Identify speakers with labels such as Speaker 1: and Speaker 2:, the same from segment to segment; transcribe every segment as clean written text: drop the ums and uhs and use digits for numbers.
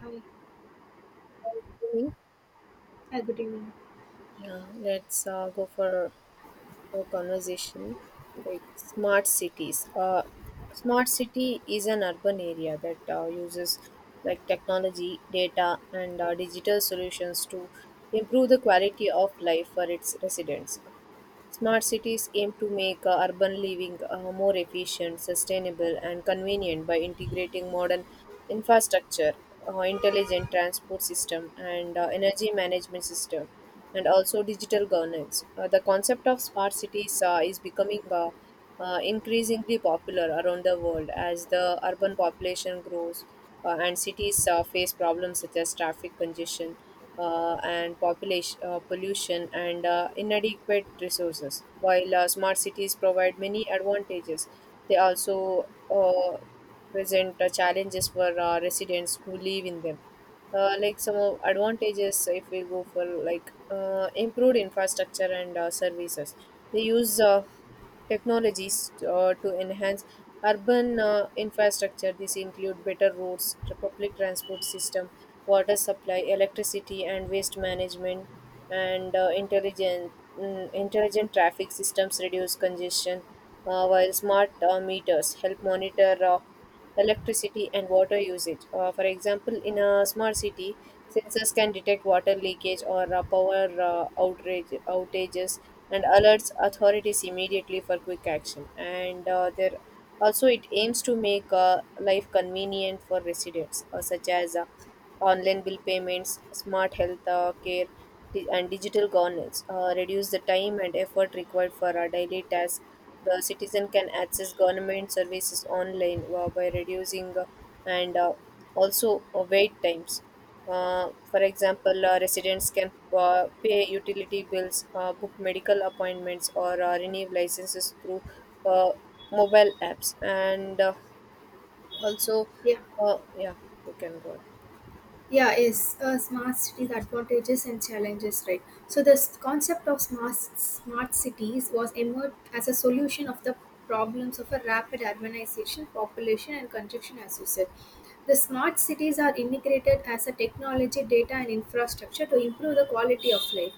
Speaker 1: Hi.
Speaker 2: Mhm.
Speaker 1: Hi, good evening.
Speaker 2: Yeah, let's go for a conversation like smart cities. Smart city is an urban area that uses like technology, data, and digital solutions to improve the quality of life for its residents. Smart cities aim to make urban living more efficient, sustainable, and convenient by integrating modern infrastructure, intelligent transport system, and energy management system, and also digital governance. The concept of smart cities is becoming increasingly popular around the world as the urban population grows and cities face problems such as traffic congestion and population pollution and inadequate resources. While smart cities provide many advantages, they also uh, present challenges for residents who live in them. Like some of advantages, if we go for like improved infrastructure and services, they use. Technologies to enhance urban infrastructure. This include better roads, public transport system, water supply, electricity, and waste management, and intelligent traffic systems reduce congestion, while smart meters help monitor. Electricity and water usage. For example, in a smart city, sensors can detect water leakage or power outages and alerts authorities immediately for quick action. And There also it aims to make life convenient for residents, such as online bill payments, smart health care, and digital governance reduce the time and effort required for our daily tasks. The citizen can access government services online by reducing and also wait times. For example, residents can pay utility bills, book medical appointments, or renew licenses through uh, mobile apps. Also,
Speaker 1: Yeah,
Speaker 2: uh, yeah, you can go on.
Speaker 1: yeah, yes. Smart cities advantages and challenges, right? So this concept of smart cities was emerged as a solution of the problems of a rapid urbanization, population, and congestion, as you said. The smart cities are integrated as a technology, data, and infrastructure to improve the quality of life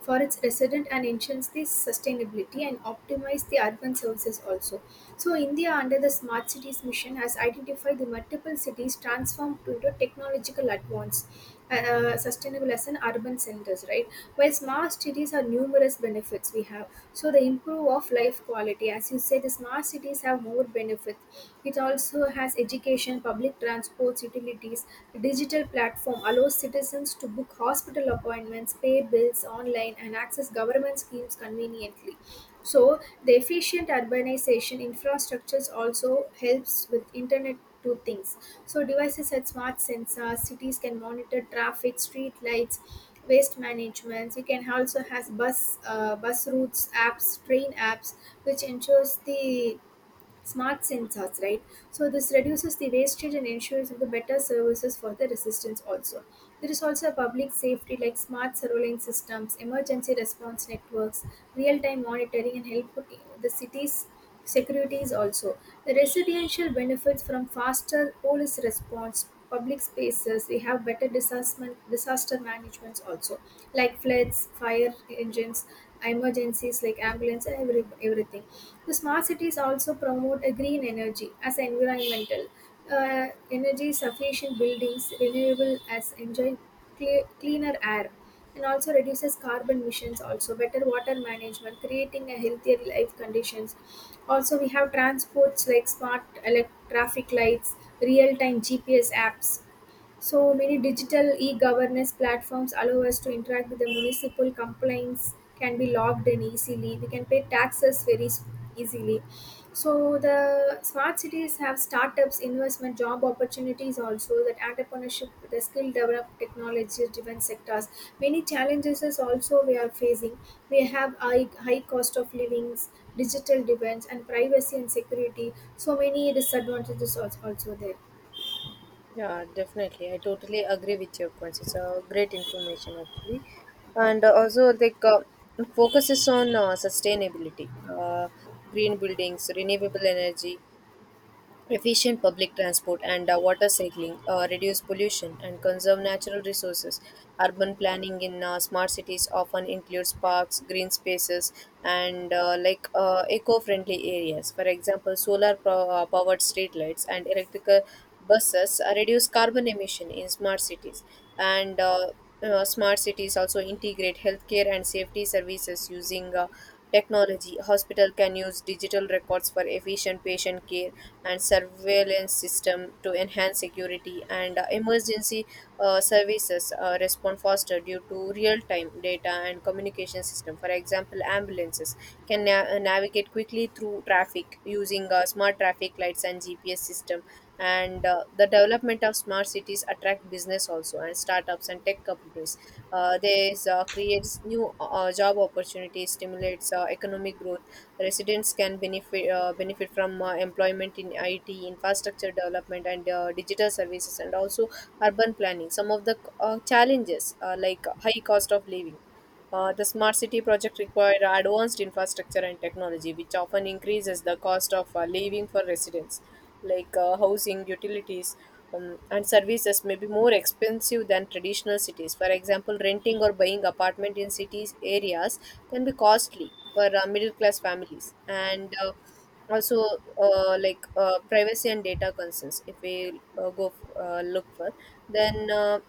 Speaker 1: for its resident and ensures the sustainability and optimize the urban services also. So India under the Smart Cities mission has identified the multiple cities transformed into technological advance, sustainable as an urban centers, right? While smart cities are numerous benefits we have, so the improve of life quality, as you said, the smart cities have more benefits. It also has education, public transports, utilities. The digital platform allows citizens to book hospital appointments, pay bills online, and access government schemes conveniently. So, the efficient urbanization infrastructures also helps with internet to things. So, devices such smart sensors, cities can monitor traffic, street lights, waste management. You can also has bus routes apps, train apps, which ensures the smart sensors, right? So this reduces the wastage and ensures the better services for the resistance also. There is also public safety like smart surveillance systems, emergency response networks, real-time monitoring and help the cities securities also. The residential benefits from faster police response, public spaces. We have better disaster managements also, like floods, fire engines, emergencies like ambulance and everything. The smart cities also promote a green energy as environmental, energy sufficient buildings, renewable as enjoy cleaner air and also reduces carbon emissions, also better water management, creating a healthier life conditions. Also we have transports like smart traffic lights, real time GPS apps, so many digital e-governance platforms allow us to interact with the municipal complaints, can be logged in easily. We can pay taxes very easily. So the smart cities have startups, investment, job opportunities also, that entrepreneurship, the skill develop technology driven sectors. Many challenges is also we are facing. We have high cost of livings, digital defense and privacy and security. So many disadvantages also there.
Speaker 2: Yeah, definitely. I totally agree with your points. It's a great information actually, and also like it focuses on sustainability, green buildings, renewable energy, efficient public transport and water cycling reduce pollution and conserve natural resources. Urban planning in smart cities often includes parks, green spaces, and eco-friendly areas. For example, solar powered streetlights and electrical buses reduce carbon emission in smart cities. And smart cities also integrate healthcare and safety services using technology. Hospital can use digital records for efficient patient care and surveillance system to enhance security and emergency services respond faster due to real-time data and communication system. For example, ambulances can navigate quickly through traffic using smart traffic lights and GPS system and the development of smart cities attract business also and startups and tech companies. This creates new job opportunities, stimulates economic growth. Residents can benefit from employment in IT, infrastructure development, and digital services, and also urban planning. Some of the challenges like high cost of living. The smart city project require advanced infrastructure and technology, which often increases the cost of living for residents, like housing, utilities, and services may be more expensive than traditional cities. For example, renting or buying apartment in cities areas can be costly for middle class families, and also like privacy and data concerns. If we go look for, then.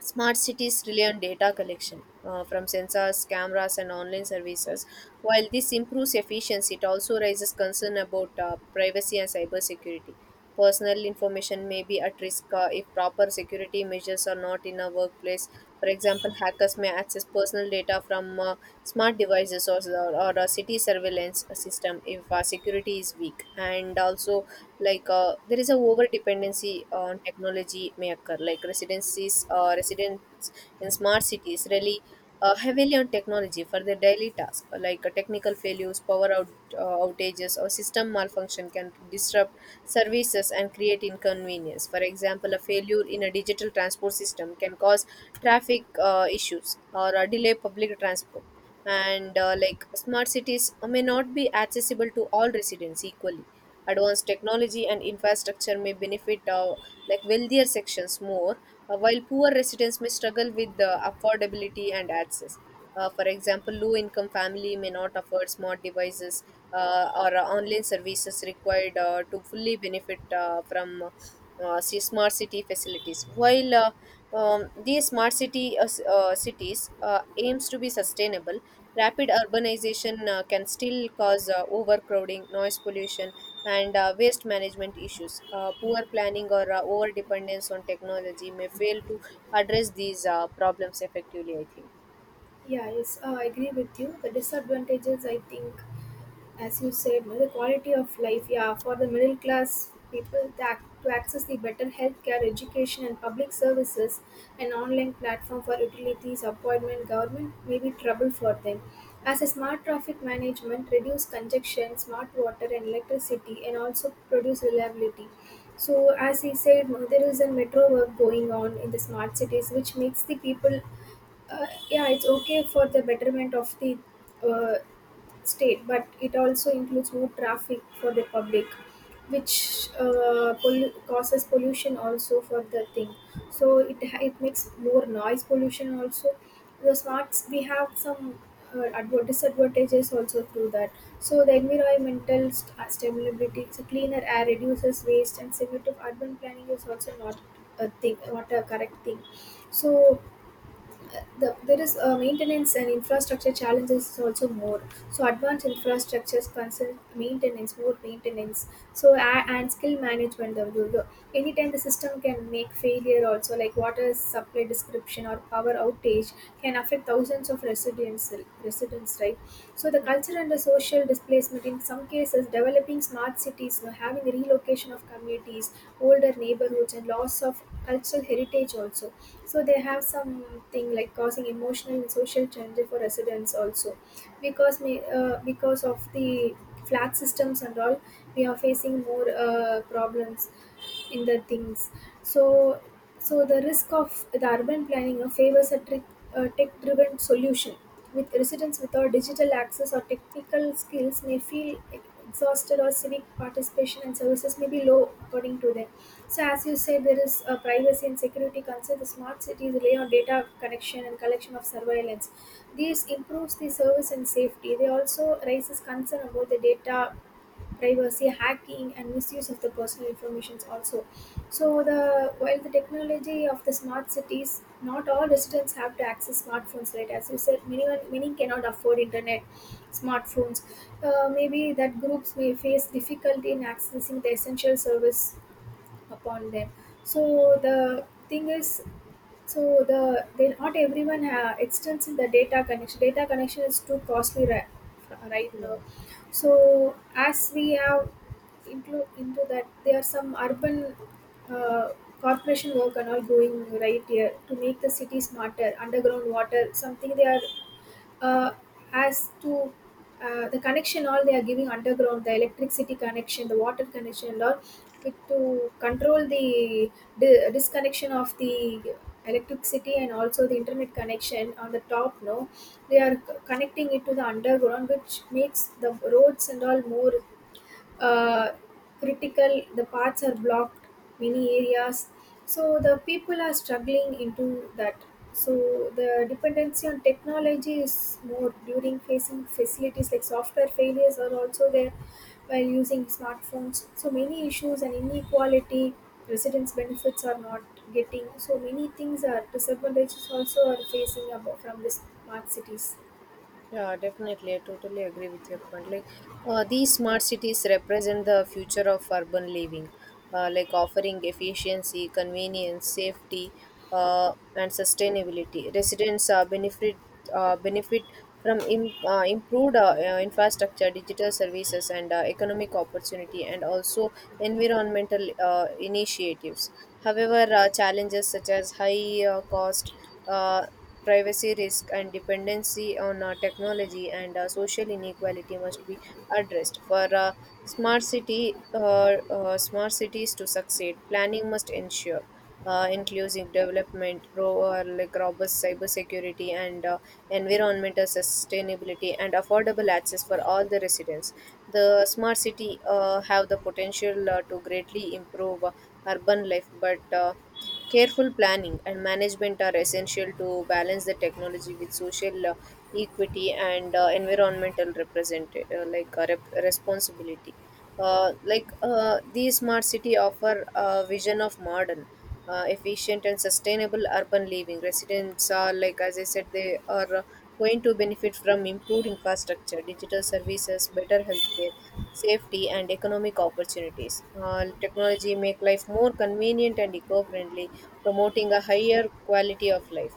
Speaker 2: Smart cities rely on data collection from sensors, cameras, and online services. While this improves efficiency, it also raises concern about privacy and cybersecurity. Personal information may be at risk if proper security measures are not in a workplace. For example, hackers may access personal data from smart devices or a city surveillance system if security is weak. And also, like there is a over dependency on technology may occur. Like residencies, residents in smart cities really heavily on technology for their daily tasks, like technical failures, power outages, or system malfunction can disrupt services and create inconvenience. For example, a failure in a digital transport system can cause traffic issues or delay public transport. And like smart cities may not be accessible to all residents equally. Advanced technology and infrastructure may benefit like wealthier sections more, while poor residents may struggle with the affordability and access. For example, low-income family may not afford smart devices or online services required to fully benefit from see smart city facilities. While these smart cities aims to be sustainable, rapid urbanization can still cause overcrowding, noise pollution, and waste management issues. Poor planning or over dependence on technology may fail to address these problems effectively, I think.
Speaker 1: Yeah, yes, I agree with you. The disadvantages, I think, as you said, no, the quality of life. Yeah, for the middle class people to, to access the better healthcare, education, and public services, an online platform for utilities, appointment, government may be trouble for them. As a smart traffic management, reduce congestion, smart water and electricity, and also produce reliability. So, as he said, no, there is a metro work going on in the smart cities, which makes the people, yeah, it's okay for the betterment of the uh, state, but it also includes more traffic for the public, which causes pollution also for the thing. So it it makes more noise pollution also. The smarts we have some disadvantages also through that. So the environmental stability, so cleaner air reduces waste, and similar to urban planning is also not a thing, not a correct thing. So the, there is maintenance and infrastructure challenges is also more. So advanced infrastructures concern maintenance, more maintenance. So and skill management of the, anytime the system can make failure also, like water supply description or power outage can affect thousands of residents, right? So the culture and the social displacement, in some cases developing smart cities, you know, having relocation of communities, older neighborhoods, and loss of cultural heritage also. So they have something like causing emotional and social changes for residents also, because because of the flat systems and all, we are facing more problems in the things. So so the risk of the urban planning favors a tech driven solution, with residents without digital access or technical skills may feel exhausted or civic participation and services may be low according to them. So as you say, there is a privacy and security concern. The smart cities rely on data connection and collection of surveillance. This improves the service and safety. They also raises concern about the data privacy, hacking, and misuse of the personal information. Also, so the while the technology of the smart cities, not all residents have to access smartphones. Right, as you said, many cannot afford internet, smartphones. Maybe that groups may face difficulty in accessing the essential service upon them. So the thing is, so the they not everyone extends in the data connection, data connection is too costly, right now. So as we have into that, there are some urban uh, corporation work and all going right here to make the city smarter, underground water, something they are, uh, as to the connection all they are giving underground, the electricity connection, the water connection and all, with to control the disconnection of the electricity and also the internet connection on the top no, they are connecting it to the underground, which makes the roads and all more uh, critical, the paths are blocked, many areas. So the people are struggling into that. So the dependency on technology is more, during facing facilities like software failures are also there, while using smartphones, so many issues and inequality, residents benefits are not getting. So many things are disadvantages also, are facing about from the smart cities.
Speaker 2: Yeah, definitely. I totally agree with your point. Like, these smart cities represent the future of urban living, like offering efficiency, convenience, safety, and sustainability. Residents benefit from improved infrastructure, digital services, and economic opportunity, and also environmental initiatives. However, challenges such as high cost. Uh, privacy risk and dependency on technology and social inequality must be addressed. For smart city, smart cities to succeed, planning must ensure inclusive development, ro- like robust cybersecurity and environmental sustainability, and affordable access for all the residents. The smart city have the potential to greatly improve urban life, but careful planning and management are essential to balance the technology with social equity and environmental responsibility. Like the smart city offer a vision of modern, efficient and sustainable urban living. Residents are like as I said, they are going to benefit from improved infrastructure, digital services, better healthcare safety, and economic opportunities. Technology make life more convenient and eco-friendly, promoting a higher quality of life.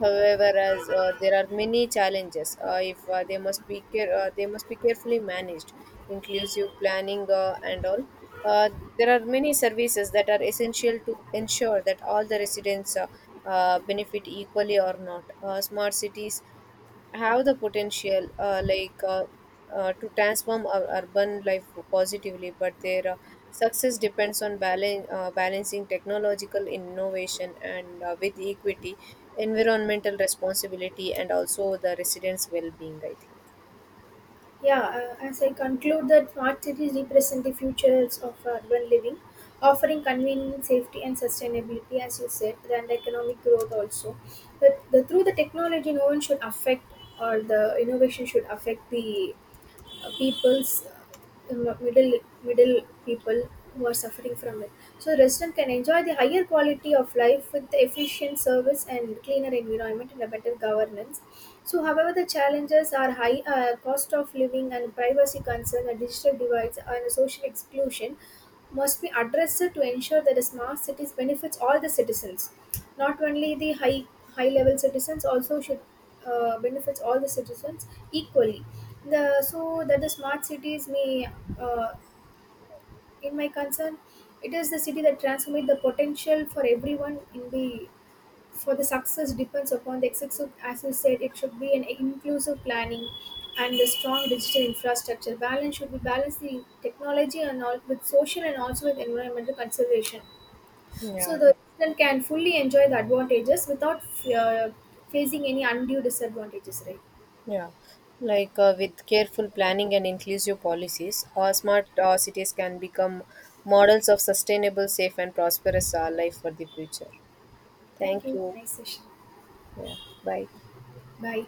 Speaker 2: However, as there are many challenges, if they must be care- they must be carefully managed, inclusive planning and all. Uh, there are many services that are essential to ensure that all the residents benefit equally or not. Smart cities have the potential to transform our urban life positively, but their success depends on balancing technological innovation and with equity, environmental responsibility and also the residents well-being, I think.
Speaker 1: Yeah, as I conclude that smart cities represent the futures of urban living, offering convenience, safety, and sustainability, as you said, and economic growth also. But the, through the technology, no one should affect, or the innovation should affect the peoples, uh, middle middle people who are suffering from it. So resident can enjoy the higher quality of life with the efficient service and cleaner environment and a better governance. So however the challenges are high cost of living and privacy concern and digital divides and social exclusion must be addressed to ensure that a smart cities benefits all the citizens, not only the high level citizens, also should benefits all the citizens equally. The so that the smart cities may, uh, in my concern, it is the city that transforms the potential for everyone in the, for the success depends upon the executive, as you said, it should be an inclusive planning and the strong digital infrastructure. Balance should be balance the technology and all with social and also with environmental consideration.
Speaker 2: yeah,
Speaker 1: So the
Speaker 2: def-
Speaker 1: resident can fully enjoy the advantages without uh, facing any undue disadvantages, right?
Speaker 2: yeah. Like with careful planning and inclusive policies, our smart cities can become models of sustainable, safe, and prosperous life for the future.
Speaker 1: Thank
Speaker 2: Thank
Speaker 1: you.
Speaker 2: you.
Speaker 1: Nice session.
Speaker 2: Yeah, bye.
Speaker 1: Bye.